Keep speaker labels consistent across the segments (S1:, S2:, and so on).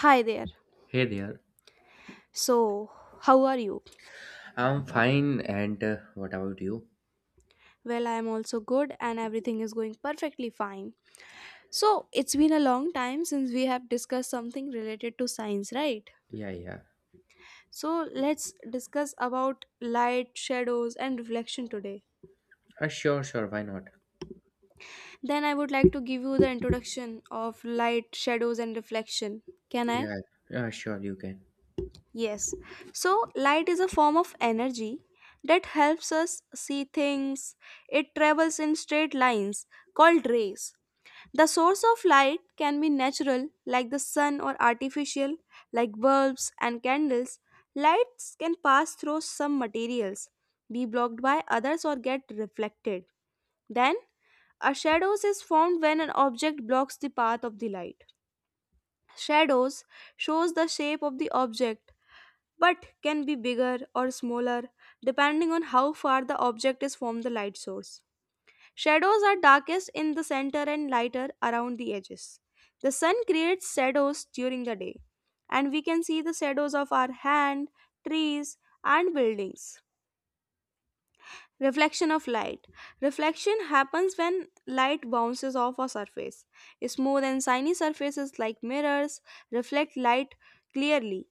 S1: Hi there.
S2: Hey there.
S1: So, how are you?
S2: I'm fine, and what about you?
S1: Well, I am also good and everything is going perfectly fine. So, it's been a long time since we have discussed something related to science, right?
S2: Yeah, yeah.
S1: So, let's discuss about light, shadows, and reflection today.
S2: Sure. Why not?
S1: Then, I would like to give you the introduction of light, shadows, and reflection. Can I?
S2: Yeah, sure. You can.
S1: Yes. So, light is a form of energy that helps us see things, it travels in straight lines called rays. The source of light can be natural, like the sun, or artificial, like bulbs and candles. Lights can pass through some materials, be blocked by others, or get reflected. Then, a shadows is formed when an object blocks the path of the light. Shadows shows the shape of the object but can be bigger or smaller depending on how far the object is from the light source. Shadows are darkest in the center and lighter around the edges. The sun creates shadows during the day, and we can see the shadows of our hand, trees, and buildings. Reflection of light. Reflection happens when light bounces off a surface. Smooth and shiny surfaces like mirrors reflect light clearly,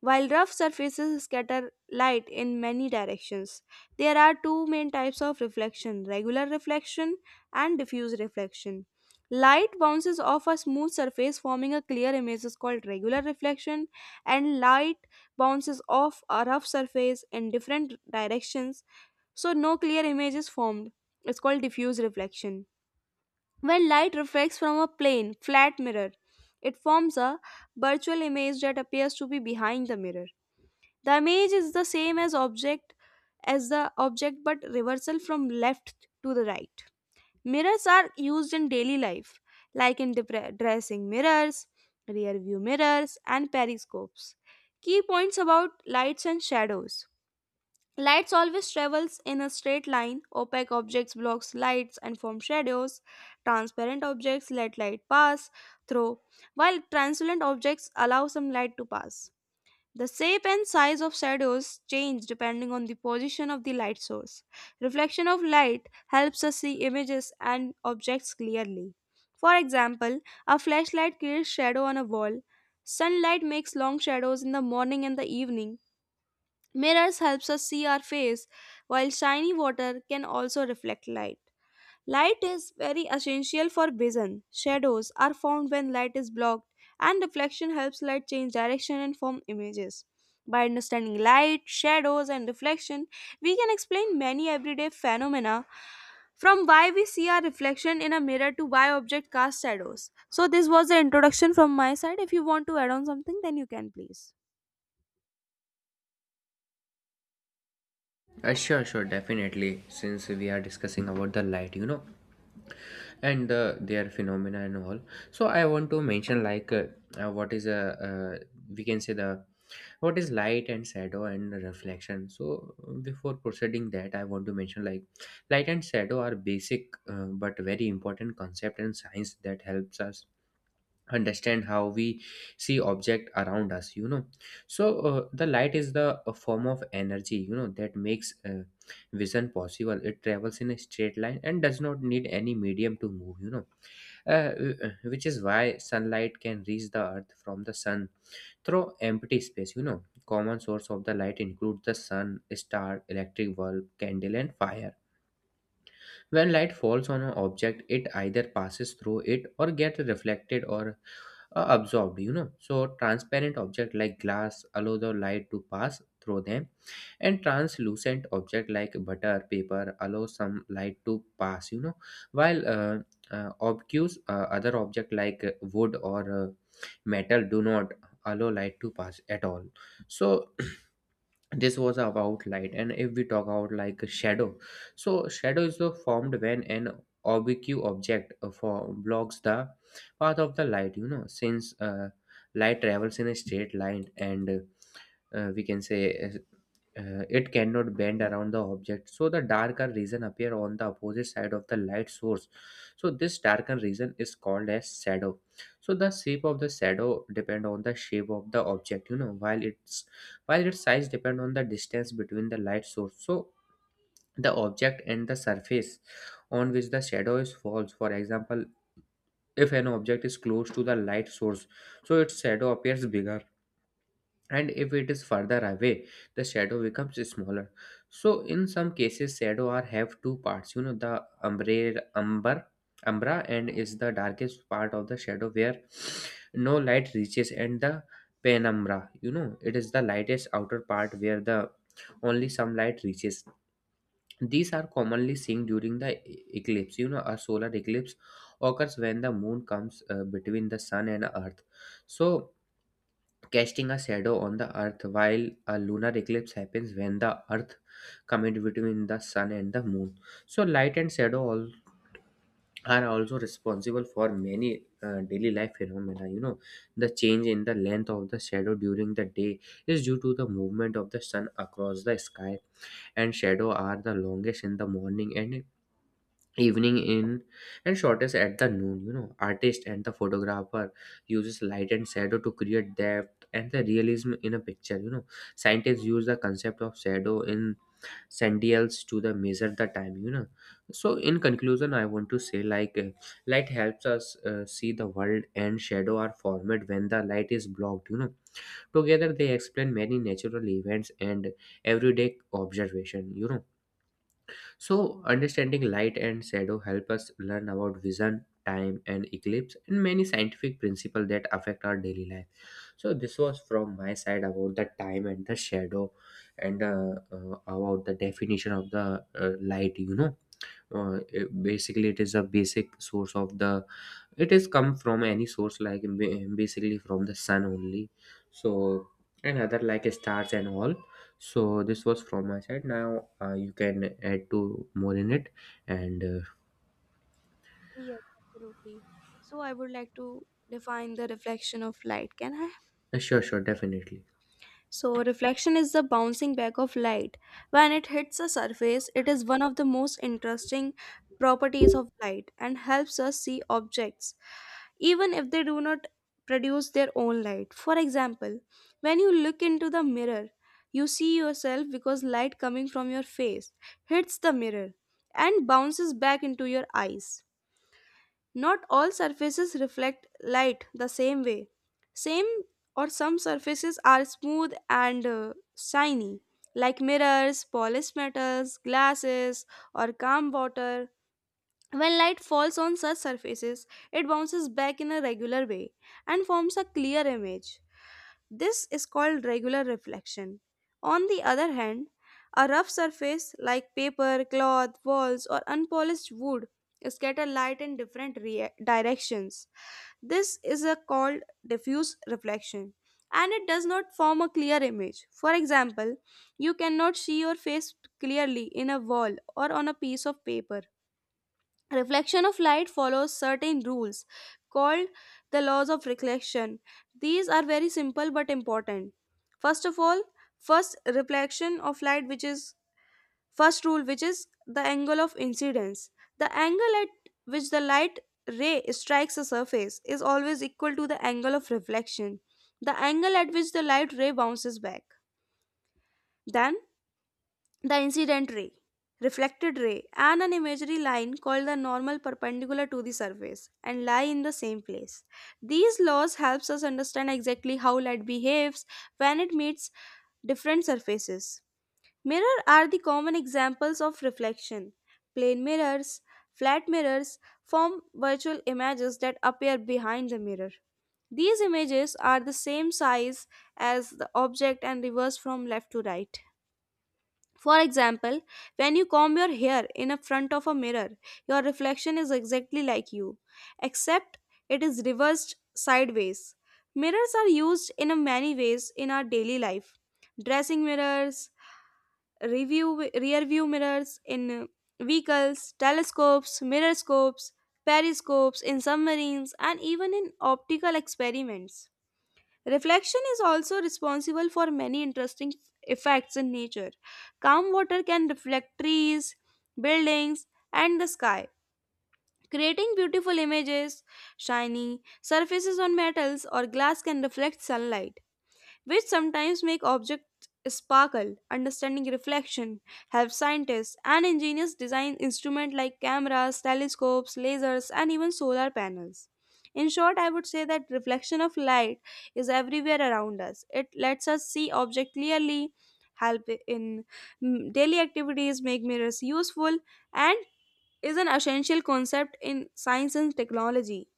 S1: while rough surfaces scatter light in many directions. There are two main types of reflection: regular reflection and diffuse reflection. Light bounces off a smooth surface, forming a clear image, is called regular reflection, and light bounces off a rough surface in different directions, so no clear image is formed. It's called diffuse reflection. When light reflects from a plane, flat mirror, it forms a virtual image that appears to be behind the mirror. The image is the same as object as the object but reversal from left to the right. Mirrors are used in daily life like in dressing mirrors, rear view mirrors and periscopes. Key points about lights and shadows. Lights always travels in a straight line. Opaque objects blocks lights and form shadows. Transparent objects let light pass through, while translucent objects allow some light to pass. The shape and size of shadows change depending on the position of the light source. Reflection of light helps us see images and objects clearly. For example, a flashlight creates shadow on a wall. Sunlight makes long shadows in the morning and the evening. Mirrors helps us see our face, while shiny water can also reflect light. Light is very essential for vision. Shadows are formed when light is blocked, and reflection helps light change direction and form images. By understanding light, shadows, and reflection, we can explain many everyday phenomena from why we see our reflection in a mirror to why objects cast shadows. So, this was the introduction from my side. If you want to add on something, then you can please.
S2: Sure. Definitely. Since we are discussing about the light, you know, and the their phenomena and all. So I want to mention like what is a uh, we can say the what is light and shadow and reflection. So before proceeding that, I want to mention like light and shadow are basic but very important concept in science that helps us understand how we see object around us, you know. So the light is the a form of energy, you know, that makes vision possible. It travels in a straight line and does not need any medium to move, you know. uh, which is why sunlight can reach the earth from the sun through empty space, you know. Common source of the light include the sun, star, electric bulb, candle and fire. When light falls on an object, it either passes through it or gets reflected or absorbed, you know. So, transparent object like glass allow the light to pass through them, and translucent object like butter paper allow some light to pass, you know. While obtuse other object like wood or metal do not allow light to pass at all. So this was about light. And if we talk about like a shadow, so shadow is formed when an oblique object for blocks the path of the light, you know. Since light travels in a straight line and we can say it cannot bend around the object, so the darker region appear on the opposite side of the light source. So this darker region is called as shadow. So the shape of the shadow depend on the shape of the object, you know, while its size depend on the distance between the light source, so the object and the surface on which the shadow is falls. For example, if an object is close to the light source, so its shadow appears bigger, and if it is further away, the shadow becomes smaller. So in some cases shadow are have two parts, you know. The umbre umber umbra and is the darkest part of the shadow where no light reaches, and the penumbra, you know, it is the lightest outer part where the only some light reaches. These are commonly seen during the eclipse, you know. A solar eclipse occurs when the moon comes between the sun and earth, so casting a shadow on the earth, while a lunar eclipse happens when the earth comes between the sun and the moon. So light and shadow all are also responsible for many daily life phenomena, you know. The change in the length of the shadow during the day is due to the movement of the sun across the sky, and shadow are the longest in the morning and evening in and shortest at the noon, you know. Artist and the photographer uses light and shadow to create depth and the realism in a picture, you know. Scientists use the concept of shadow in sentinels to the measure the time, you know. So in conclusion I want to say like light helps us see the world, and shadow are formed when the light is blocked, you know. Together they explain many natural events and everyday observation, you know. So, understanding light and shadow help us learn about vision, time, and eclipse, and many scientific principles that affect our daily life. So, this was from my side about the time and the shadow, and about the definition of the light. You know, basically it is a basic source of the it is come from any source like basically from the sun only. So and other like stars and all. So this was from my side. Now you can add to more in it. And
S1: Yes, absolutely. So, I would like to define the reflection of light. Can I?
S2: sure, sure, definitely.
S1: So, reflection is the bouncing back of light. When it hits a surface, it is one of the most interesting properties of light and helps us see objects, even if they do not produce their own light. For example, when you look into the mirror, you see yourself because light coming from your face hits the mirror and bounces back into your eyes. Not all surfaces reflect light the same way. Same or Some surfaces are smooth and shiny, like mirrors, polished metals, glasses, or calm water. When light falls on such surfaces, it bounces back in a regular way and forms a clear image. This is called regular reflection. On the other hand, a rough surface like paper, cloth, walls, or unpolished wood scatter light in different directions. This is a called diffuse reflection and it does not form a clear image. For example, you cannot see your face clearly in a wall or on a piece of paper. Reflection of light follows certain rules called the laws of reflection. These are very simple but important. First of all, first reflection of light, which is first rule, which is the angle of incidence. The angle at which the light ray strikes a surface is always equal to the angle of reflection, the angle at which the light ray bounces back. Then, the incident ray, reflected ray, and an imaginary line called the normal perpendicular to the surface and lie in the same place. These laws helps us understand exactly how light behaves when it meets different surfaces. Mirror are the common examples of reflection. Plane mirrors, flat mirrors form virtual images that appear behind the mirror. These images are the same size as the object and reverse from left to right. For example, when you comb your hair in a front of a mirror, your reflection is exactly like you, except it is reversed sideways. Mirrors are used in a many ways in our daily life. Dressing mirrors, review rear view mirrors in vehicles, telescopes, mirror scopes, periscopes in submarines and even in optical experiments. Reflection is also responsible for many interesting effects in nature. Calm water can reflect trees, buildings, and the sky, creating beautiful images. Shiny surfaces on metals or glass can reflect sunlight which sometimes make objects sparkle. Understanding reflection helps scientists and engineers design instruments like cameras, telescopes, lasers, and even solar panels. In short, I would say that reflection of light is everywhere around us. It lets us see objects clearly, help in daily activities, make mirrors useful, and is an essential concept in science and technology.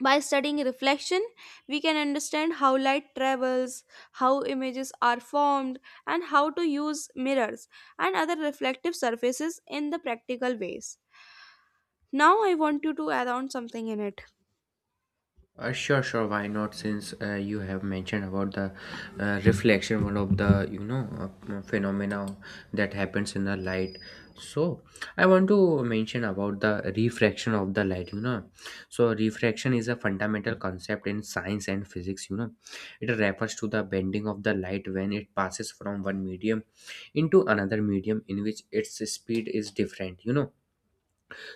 S1: By studying reflection, we can understand how light travels, how images are formed, and how to use mirrors and other reflective surfaces in the practical ways. Now, I want you to add on something in it.
S2: Sure. Why not? Since you have mentioned about the reflection, one of the, you know, phenomena that happens in the light. So I want to mention about the refraction of the light, you know. So refraction is a fundamental concept in science and physics, you know. It refers to the bending of the light when it passes from one medium into another medium in which its speed is different, you know.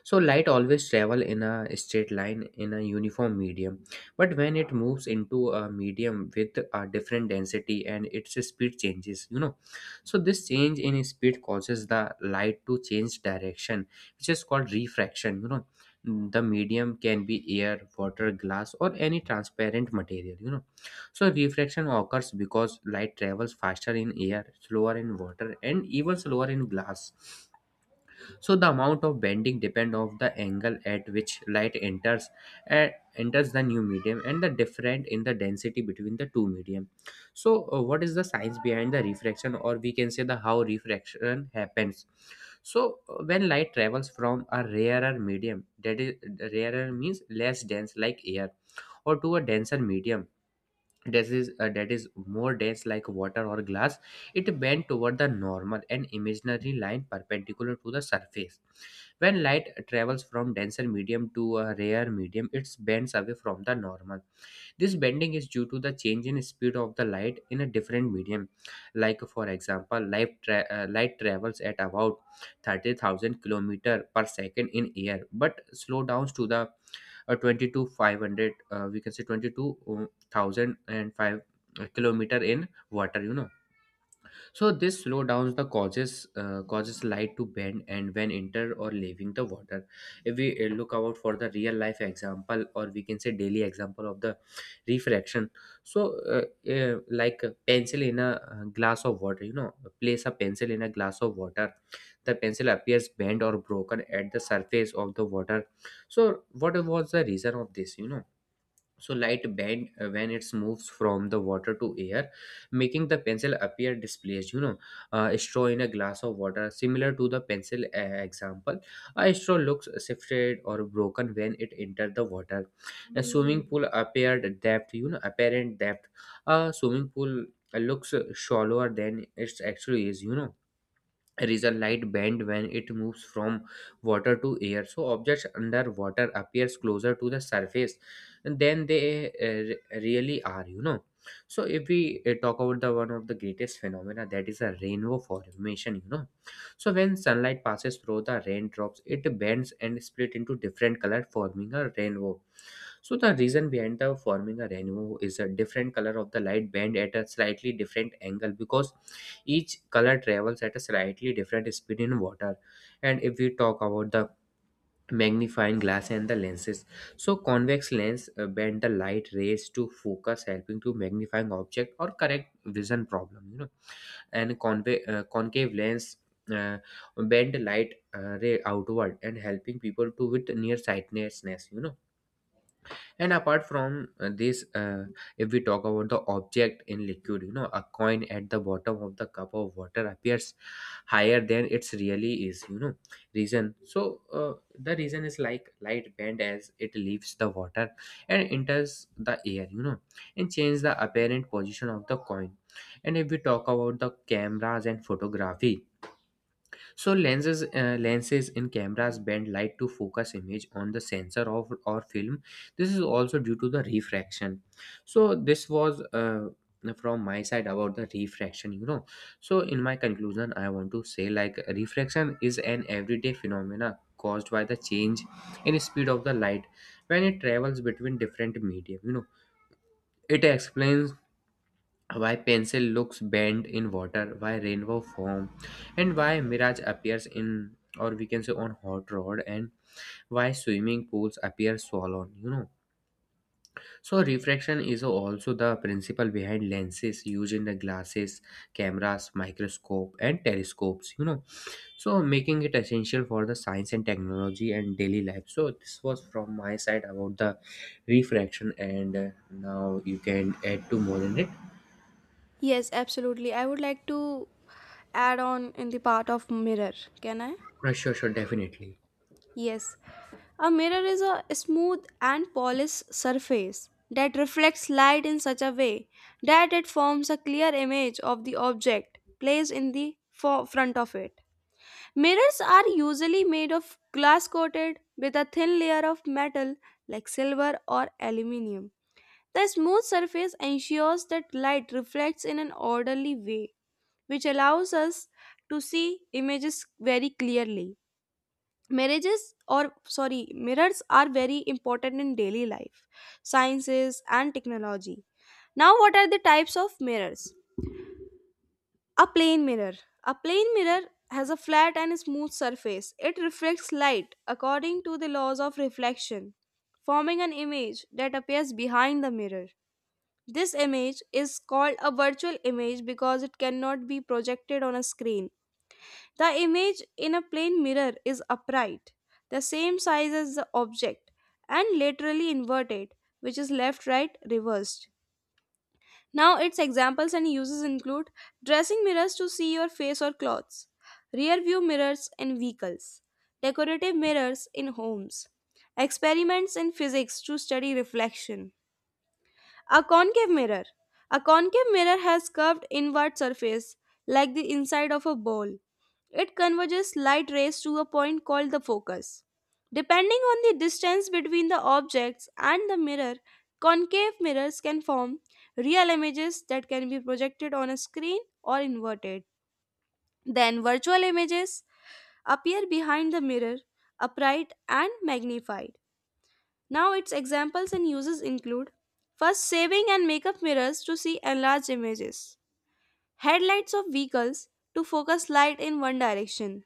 S2: So light always travel in a straight line in a uniform medium, but when it moves into a medium with a different density and its speed changes, you know. So this change in speed causes the light to change direction, which is called refraction, you know. The medium can be air, water, glass, or any transparent material, you know. So refraction occurs because light travels faster in air, slower in water, and even slower in glass. So the amount of bending depend of the angle at which light enters uh, enters the new medium and the different in the density between the two medium. So what is the science behind the refraction, or we can say the how refraction happens. So when light travels from a rarer medium, that is rarer means less dense like air, or to a denser medium, that is more dense like water or glass, it bends toward the normal and imaginary line perpendicular to the surface. When light travels from denser medium to a rarer medium, it bends away from the normal. This bending is due to the change in speed of the light in a different medium. Like, for example, light travels at about 30,000 kilometer per second in air, but slow down to the or 22,500, we can say 22,005 kilometer in water, you know. So this slowdowns the causes causes light to bend and when enter or leaving the water. If we look out for the real life example, or we can say daily example of the refraction. So like a pencil in a glass of water, you know, place a pencil in a glass of water. The pencil appears bent or broken at the surface of the water. So what was the reason of this? You know, so light bend when it moves from the water to air, making the pencil appear displaced, you know. A straw in a glass of water, similar to the pencil example, a straw looks shifted or broken when it entered the water. A swimming pool appeared depth, you know, apparent depth. A swimming pool looks shallower than it actually is, you know. Result light bend when it moves from water to air, so objects under water appears closer to the surface than they really are, you know. So if we talk about the one of the greatest phenomena, that is a rainbow formation, you know. So when sunlight passes through the raindrops, it bends and split into different color, forming a rainbow. So the reason behind the forming a rainbow is a different color of the light bend at a slightly different angle, because each color travels at a slightly different speed in water. And if we talk about the magnifying glass and the lenses, so convex lens bend the light rays to focus, helping to magnifying object or correct vision problem, you know. And concave lens uh, bend light ray outward, and helping people to with nearsightedness, you know. And apart from this, if we talk about the object in liquid, you know, a coin at the bottom of the cup of water appears higher than it's really is, you know. Reason, so the reason is like light bend as it leaves the water and enters the air, you know, and change the apparent position of the coin. And if we talk about the cameras and photography, so lenses in cameras bend light to focus image on the sensor of or film. This is also due to the refraction. So this was from my side about the refraction, you know. So in my conclusion, I want to say like refraction is an everyday phenomena caused by the change in speed of the light when it travels between different medium. It explains why pencil looks bent in water, why rainbow form, and why mirage appears in, or we can say on hot rod, and why swimming pools appear swollen. So refraction is also the principle behind lenses used in the glasses, cameras, microscope, and telescopes, so making it essential for the science and technology and daily life. So this was from my side about the refraction, and now you can add to more in it.
S1: Yes, absolutely. I would like to add on in the part of mirror. Can I?
S2: Sure, sure, definitely.
S1: Yes, a mirror is a smooth and polished surface that reflects light in such a way that it forms a clear image of the object placed in the front of it. Mirrors are usually made of glass coated with a thin layer of metal like silver or aluminium. The smooth surface ensures that light reflects in an orderly way, which allows us to see images very clearly. Mirrors are very important in daily life, sciences and technology. Now, what are the types of mirrors? A plane mirror. A plane mirror has a flat and smooth surface. It reflects light according to the laws of reflection, forming an image that appears behind the mirror. This image is called a virtual image because it cannot be projected on a screen. The image in a plane mirror is upright, the same size as the object, and laterally inverted, which is left right reversed. Now, its examples and uses include dressing mirrors to see your face or clothes, rear view mirrors in vehicles, decorative mirrors in homes, experiments in physics to study reflection. A concave mirror. A concave mirror has curved inward surface like the inside of a bowl. It converges light rays to a point called the focus. Depending on the distance between the objects and the mirror, concave mirrors can form real images that can be projected on a screen or inverted. Then virtual images appear behind the mirror, upright and magnified. Now, its examples and uses include first, saving and makeup mirrors to see enlarged images, headlights of vehicles to focus light in one direction,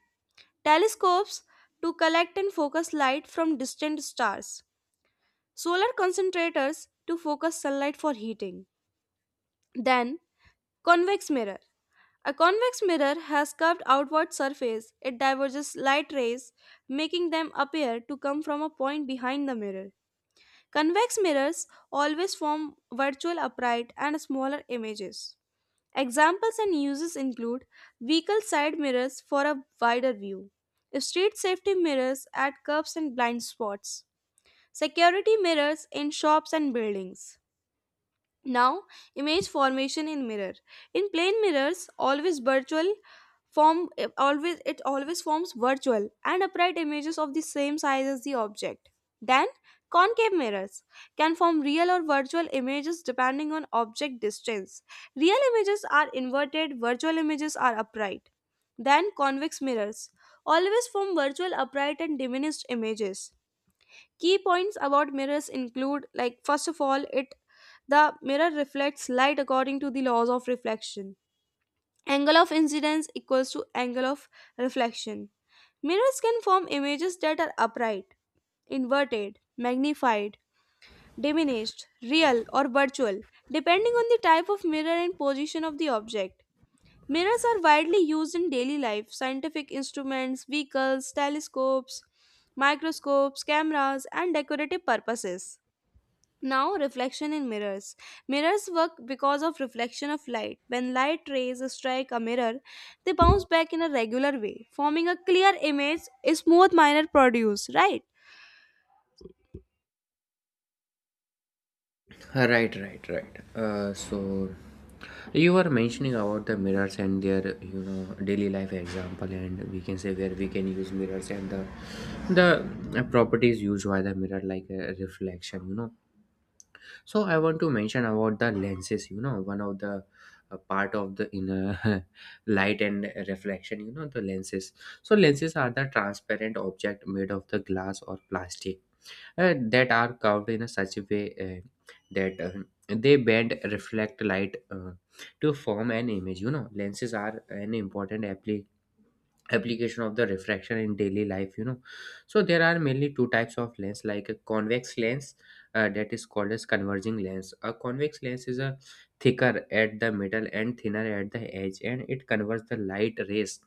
S1: telescopes to collect and focus light from distant stars, solar concentrators to focus sunlight for heating. Then, convex mirror. A convex mirror has curved outward surface. It diverges light rays, making them appear to come from a point behind the mirror. Convex mirrors always form virtual upright and smaller images. Examples and uses include vehicle side mirrors for a wider view, street safety mirrors at curves and blind spots, security mirrors in shops and buildings. Now, image formation in mirror. In plane mirrors, always virtual form it always forms virtual and upright images of the same size as the object. Then concave mirrors can form real or virtual images depending on object distance. Real images are inverted, virtual images are upright. Then convex mirrors always form virtual upright and diminished images. Key points about mirrors include, like first of all, it the mirror reflects light according to the laws of reflection. Angle of incidence equals to angle of reflection. Mirrors can form images that are upright, inverted, magnified, diminished, real, or virtual, depending on the type of mirror and position of the object. Mirrors are widely used in daily life, scientific instruments, vehicles, telescopes, microscopes, cameras, and decorative purposes. Now, reflection in mirrors. Mirrors work because of reflection of light. When light rays strike a mirror, they bounce back in a regular way, forming a clear image, a smooth minor produce, right?
S2: Right, right, right. So you were mentioning about the mirrors and their, you know, daily life example, and we can say where we can use mirrors and the properties used by the mirror like a reflection. You know, so I want to mention about the lenses, you know, one of the part of the inner light and reflection, you know, the lenses. So lenses are the transparent object made of the glass or plastic, that are curved in a such a way that they bend reflect light to form an image. You know, lenses are an important application of the refraction in daily life. You know, so there are mainly two types of lens like a convex lens, that is called as converging lens. A convex lens is a thicker at the middle and thinner at the edge, and it converts the light rays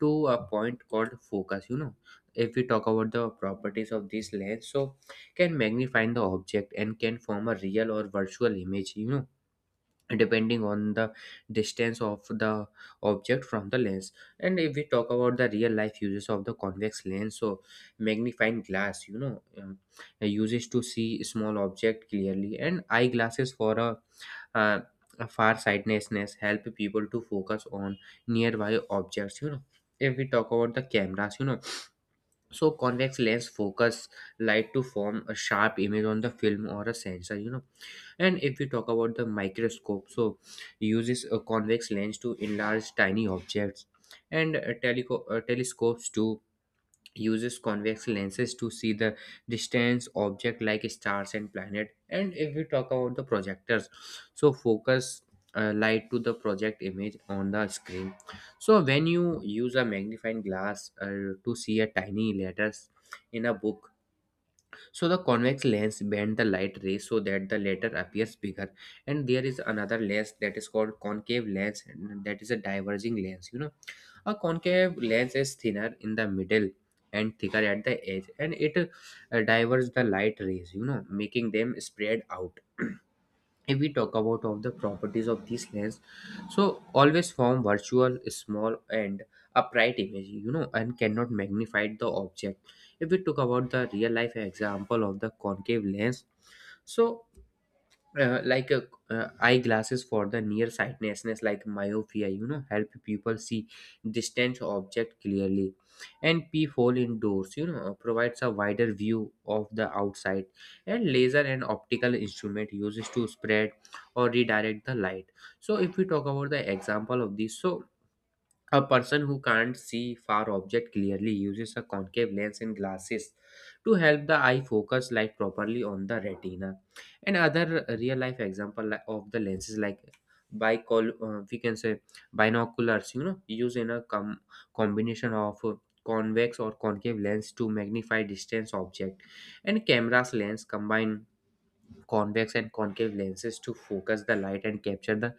S2: to a point called focus. You know, if we talk about the properties of this lens, so can magnify the object and can form a real or virtual image, you know, depending on the distance of the object from the lens. And if we talk about the real life uses of the convex lens, so magnifying glass, you know, uses to see small object clearly, and eyeglasses for uh, a far sightedness, help people to focus on nearby objects. You know, if we talk about the cameras, you know, so convex lens focus light to form a sharp image on the film or a sensor. You know, and if we talk about the microscope, so uses a convex lens to enlarge tiny objects. And telescopes to uses convex lenses to see the distance object like stars and planet. And if we talk about the projectors, so focus light to the project image on the screen. So when you use a magnifying glass to see a tiny letters in a book, so the convex lens bend the light rays so that the latter appears bigger. And there is another lens that is called concave lens, and that is a diverging lens. You know, a concave lens is thinner in the middle and thicker at the edge, and it diverges the light rays, you know, making them spread out. If we talk about of the properties of these lens, so always form virtual small and upright image, you know, and cannot magnify the object. If we talk about the real life example of the concave lens, so like a eyeglasses for the nearsightedness like myopia, you know, help people see distant object clearly, and peephole indoors, you know, provides a wider view of the outside, and laser and optical instrument uses to spread or redirect the light. So if we talk about the example of this, so a person who can't see far object clearly uses a concave lens and glasses to help the eye focus light properly on the retina. And other real life example of the lenses like bicol we can say binoculars, you know, used in a combination of convex or concave lens to magnify distance object, and cameras lens combine convex and concave lenses to focus the light and capture the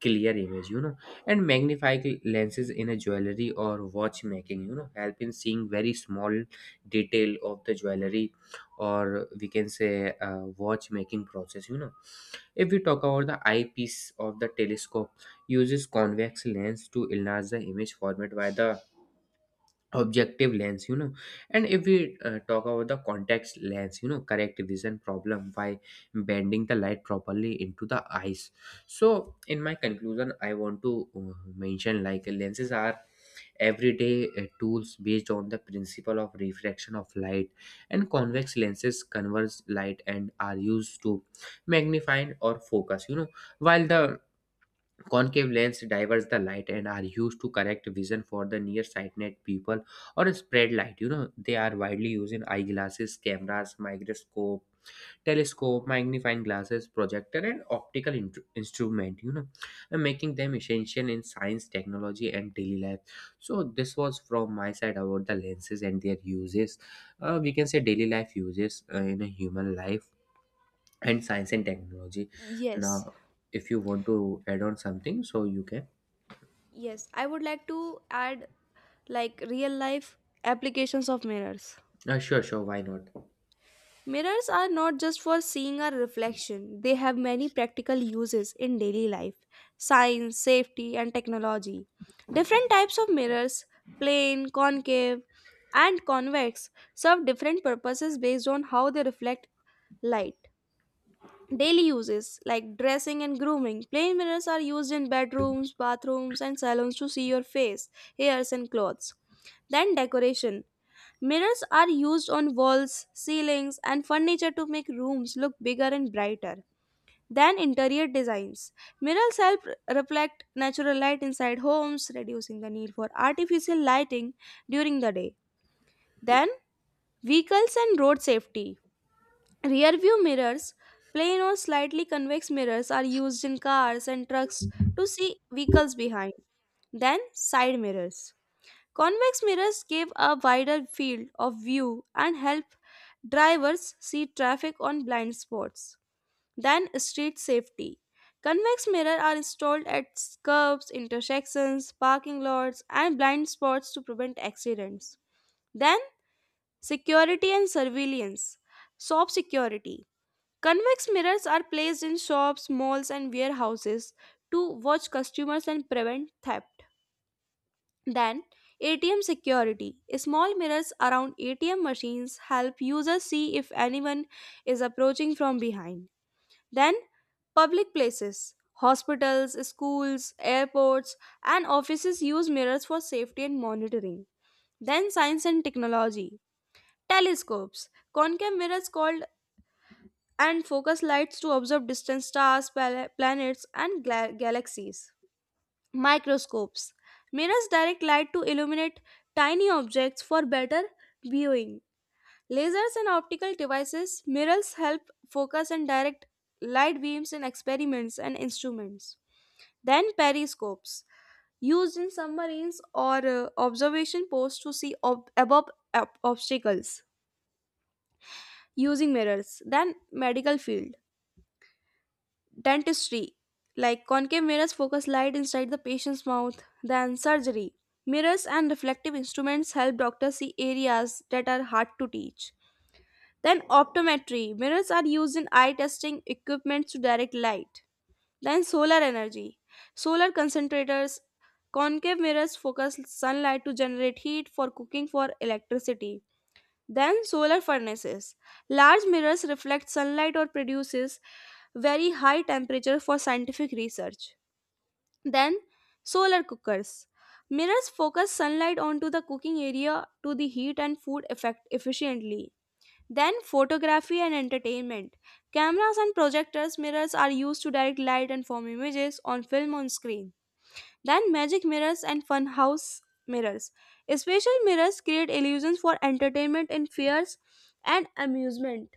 S2: clear image. You know, and magnifying lenses in a jewelry or watchmaking, you know, help in seeing very small detail of the jewelry, or we can say watchmaking process. You know, if we talk about the eyepiece of the telescope, uses convex lens to enlarge the image format by the objective lens. You know, and if we talk about the context lens, you know, correct vision problem by bending the light properly into the eyes. So in my conclusion, I want to mention like lenses are everyday tools based on the principle of refraction of light, and convex lenses converge light and are used to magnify or focus. You know, while the concave lens diverts the light and are used to correct vision for the nearsighted people or spread light. You know, they are widely used in eyeglasses, cameras, microscope, telescope, magnifying glasses, projector, and optical instrument. You know, and making them essential in science, technology, and daily life. So this was from my side about the lenses and their uses. We can say daily life uses in a human life and science and technology.
S1: Yes,
S2: Now, if you want to add on something, so you can.
S1: yes. I would like to add like real life applications of mirrors.
S2: Sure, sure. Why not?
S1: Mirrors are not just for seeing our reflection, they have many practical uses in daily life, science, safety, and technology. Different types of mirrors, plane, concave, and convex, serve different purposes based on how they reflect light. Daily uses like dressing and grooming. Plain mirrors are used in bedrooms, bathrooms, and salons to see your face, hairs, and clothes. Then decoration. Mirrors are used on walls, ceilings, and furniture to make rooms look bigger and brighter than interior designs. Mirrors help reflect natural light inside homes, reducing the need for artificial lighting during the day. Then, vehicles and road safety. Rear view mirrors, plain or slightly convex mirrors, are used in cars and trucks to see vehicles behind. Then, side mirrors. Convex mirrors give a wider field of view and help drivers see traffic on blind spots. Then, street safety. Convex mirrors are installed at curves, intersections, parking lots, and blind spots to prevent accidents. Then, security and surveillance. Shop security. Convex mirrors are placed in shops, malls, and warehouses to watch customers and prevent theft. Then, ATM security. Small mirrors around ATM machines help users see if anyone is approaching from behind. Then, public places. Hospitals, schools, airports, and offices use mirrors for safety and monitoring. Then, science and technology. Telescopes. Concave mirrors called and focus lights to observe distant stars, planets, and galaxies. Microscopes. Mirrors direct light to illuminate tiny objects for better viewing. Lasers and optical devices. Mirrors help focus and direct light beams in experiments and instruments. Then periscopes. Used in submarines or observation posts to see above obstacles using mirrors. Then medical field. Dentistry, like concave mirrors focus light inside the patient's mouth. Then surgery, mirrors and reflective instruments help doctors see areas that are hard to teach. Then optometry, mirrors are used in eye testing equipment to direct light. Then solar energy, solar concentrators, concave mirrors focus sunlight to generate heat for cooking for electricity. Then solar furnaces. Large mirrors reflect sunlight or produces very high temperature for scientific research. Then solar cookers. Mirrors focus sunlight onto the cooking area to the heat and food effect efficiently. Then photography and entertainment. Cameras and projectors mirrors are used to direct light and form images on film on screen. Then magic mirrors and funhouse mirrors. Special mirrors create illusions for entertainment in fairs and amusement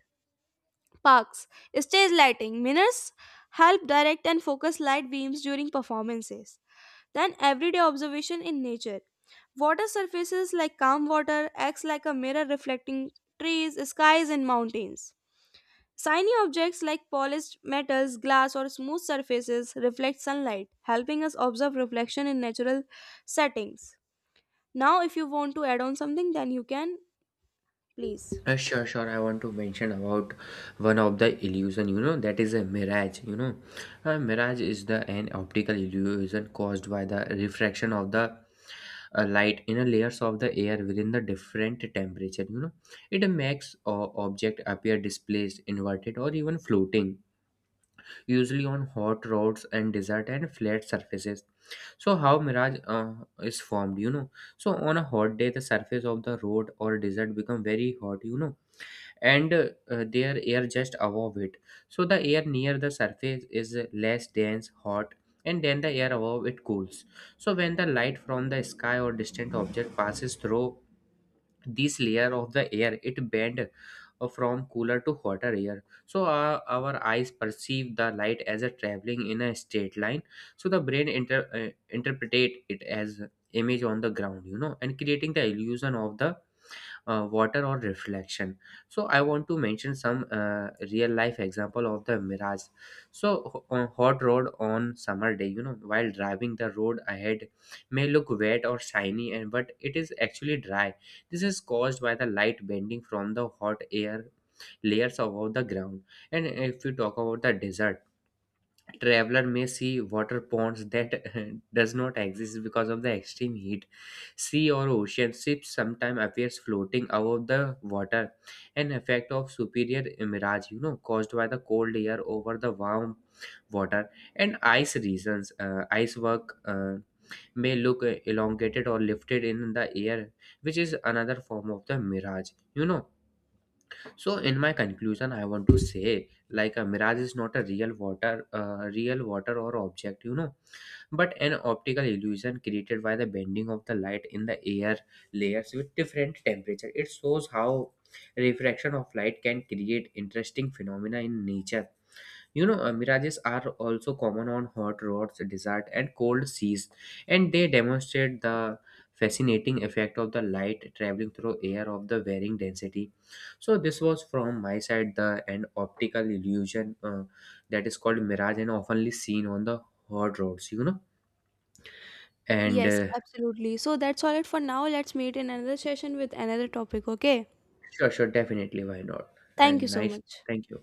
S1: parks. Stage lighting. Mirrors help direct and focus light beams during performances. Then everyday observation in nature. Water surfaces like calm water acts like a mirror reflecting trees, skies and mountains. Shiny objects like polished metals, glass, or smooth surfaces reflect sunlight, helping us observe reflection in natural settings. Now, if you want to add on something, then you can please.
S2: Sure, sure. I want to mention about one of the illusion. You know, that is a mirage. You know, a mirage is the an optical illusion caused by the refraction of the light in a layers of the air within the different temperature. You know, it makes object appear displaced, inverted, or even floating. Usually on hot roads and desert and flat surfaces. So how mirage is formed? You know, so on a hot day, the surface of the road or desert become very hot. You know, and their air just above it, so the air near the surface is less dense hot, and then the air above it cools. So when the light from the sky or distant object passes through this layer of the air, it bends from cooler to hotter air, so our eyes perceive the light as a traveling in a straight line. So the brain interpretate it as image on the ground, you know, and creating the illusion of the water or reflection. So I want to mention some real life example of the mirage. So on hot road on summer day, you know, while driving, the road ahead may look wet or shiny and but it is actually dry. This is caused by the light bending from the hot air layers above the ground. And if we talk about the desert, traveler may see water ponds that does not exist because of the extreme heat. Sea or ocean ships sometimes appears floating above the water, an effect of superior mirage, you know, caused by the cold air over the warm water. And ice regions, ice work may look elongated or lifted in the air, which is another form of the mirage. You know, so in my conclusion, I want to say like a mirage is not a real real water or object, you know, but an optical illusion created by the bending of the light in the air layers with different temperature. It shows how refraction of light can create interesting phenomena in nature. You know, mirages are also common on hot roads, desert, and cold seas, and they demonstrate the fascinating effect of the light traveling through air of the varying density. So this was from my side the an optical illusion that is called mirage and oftenly seen on the hot roads. You know, and
S1: Yes, absolutely. So that's all it for now. Let's meet in another session with another topic, okay?
S2: sure, sure, definitely, why not?
S1: Thank you
S2: And
S1: so
S2: nice,
S1: much.
S2: thank you.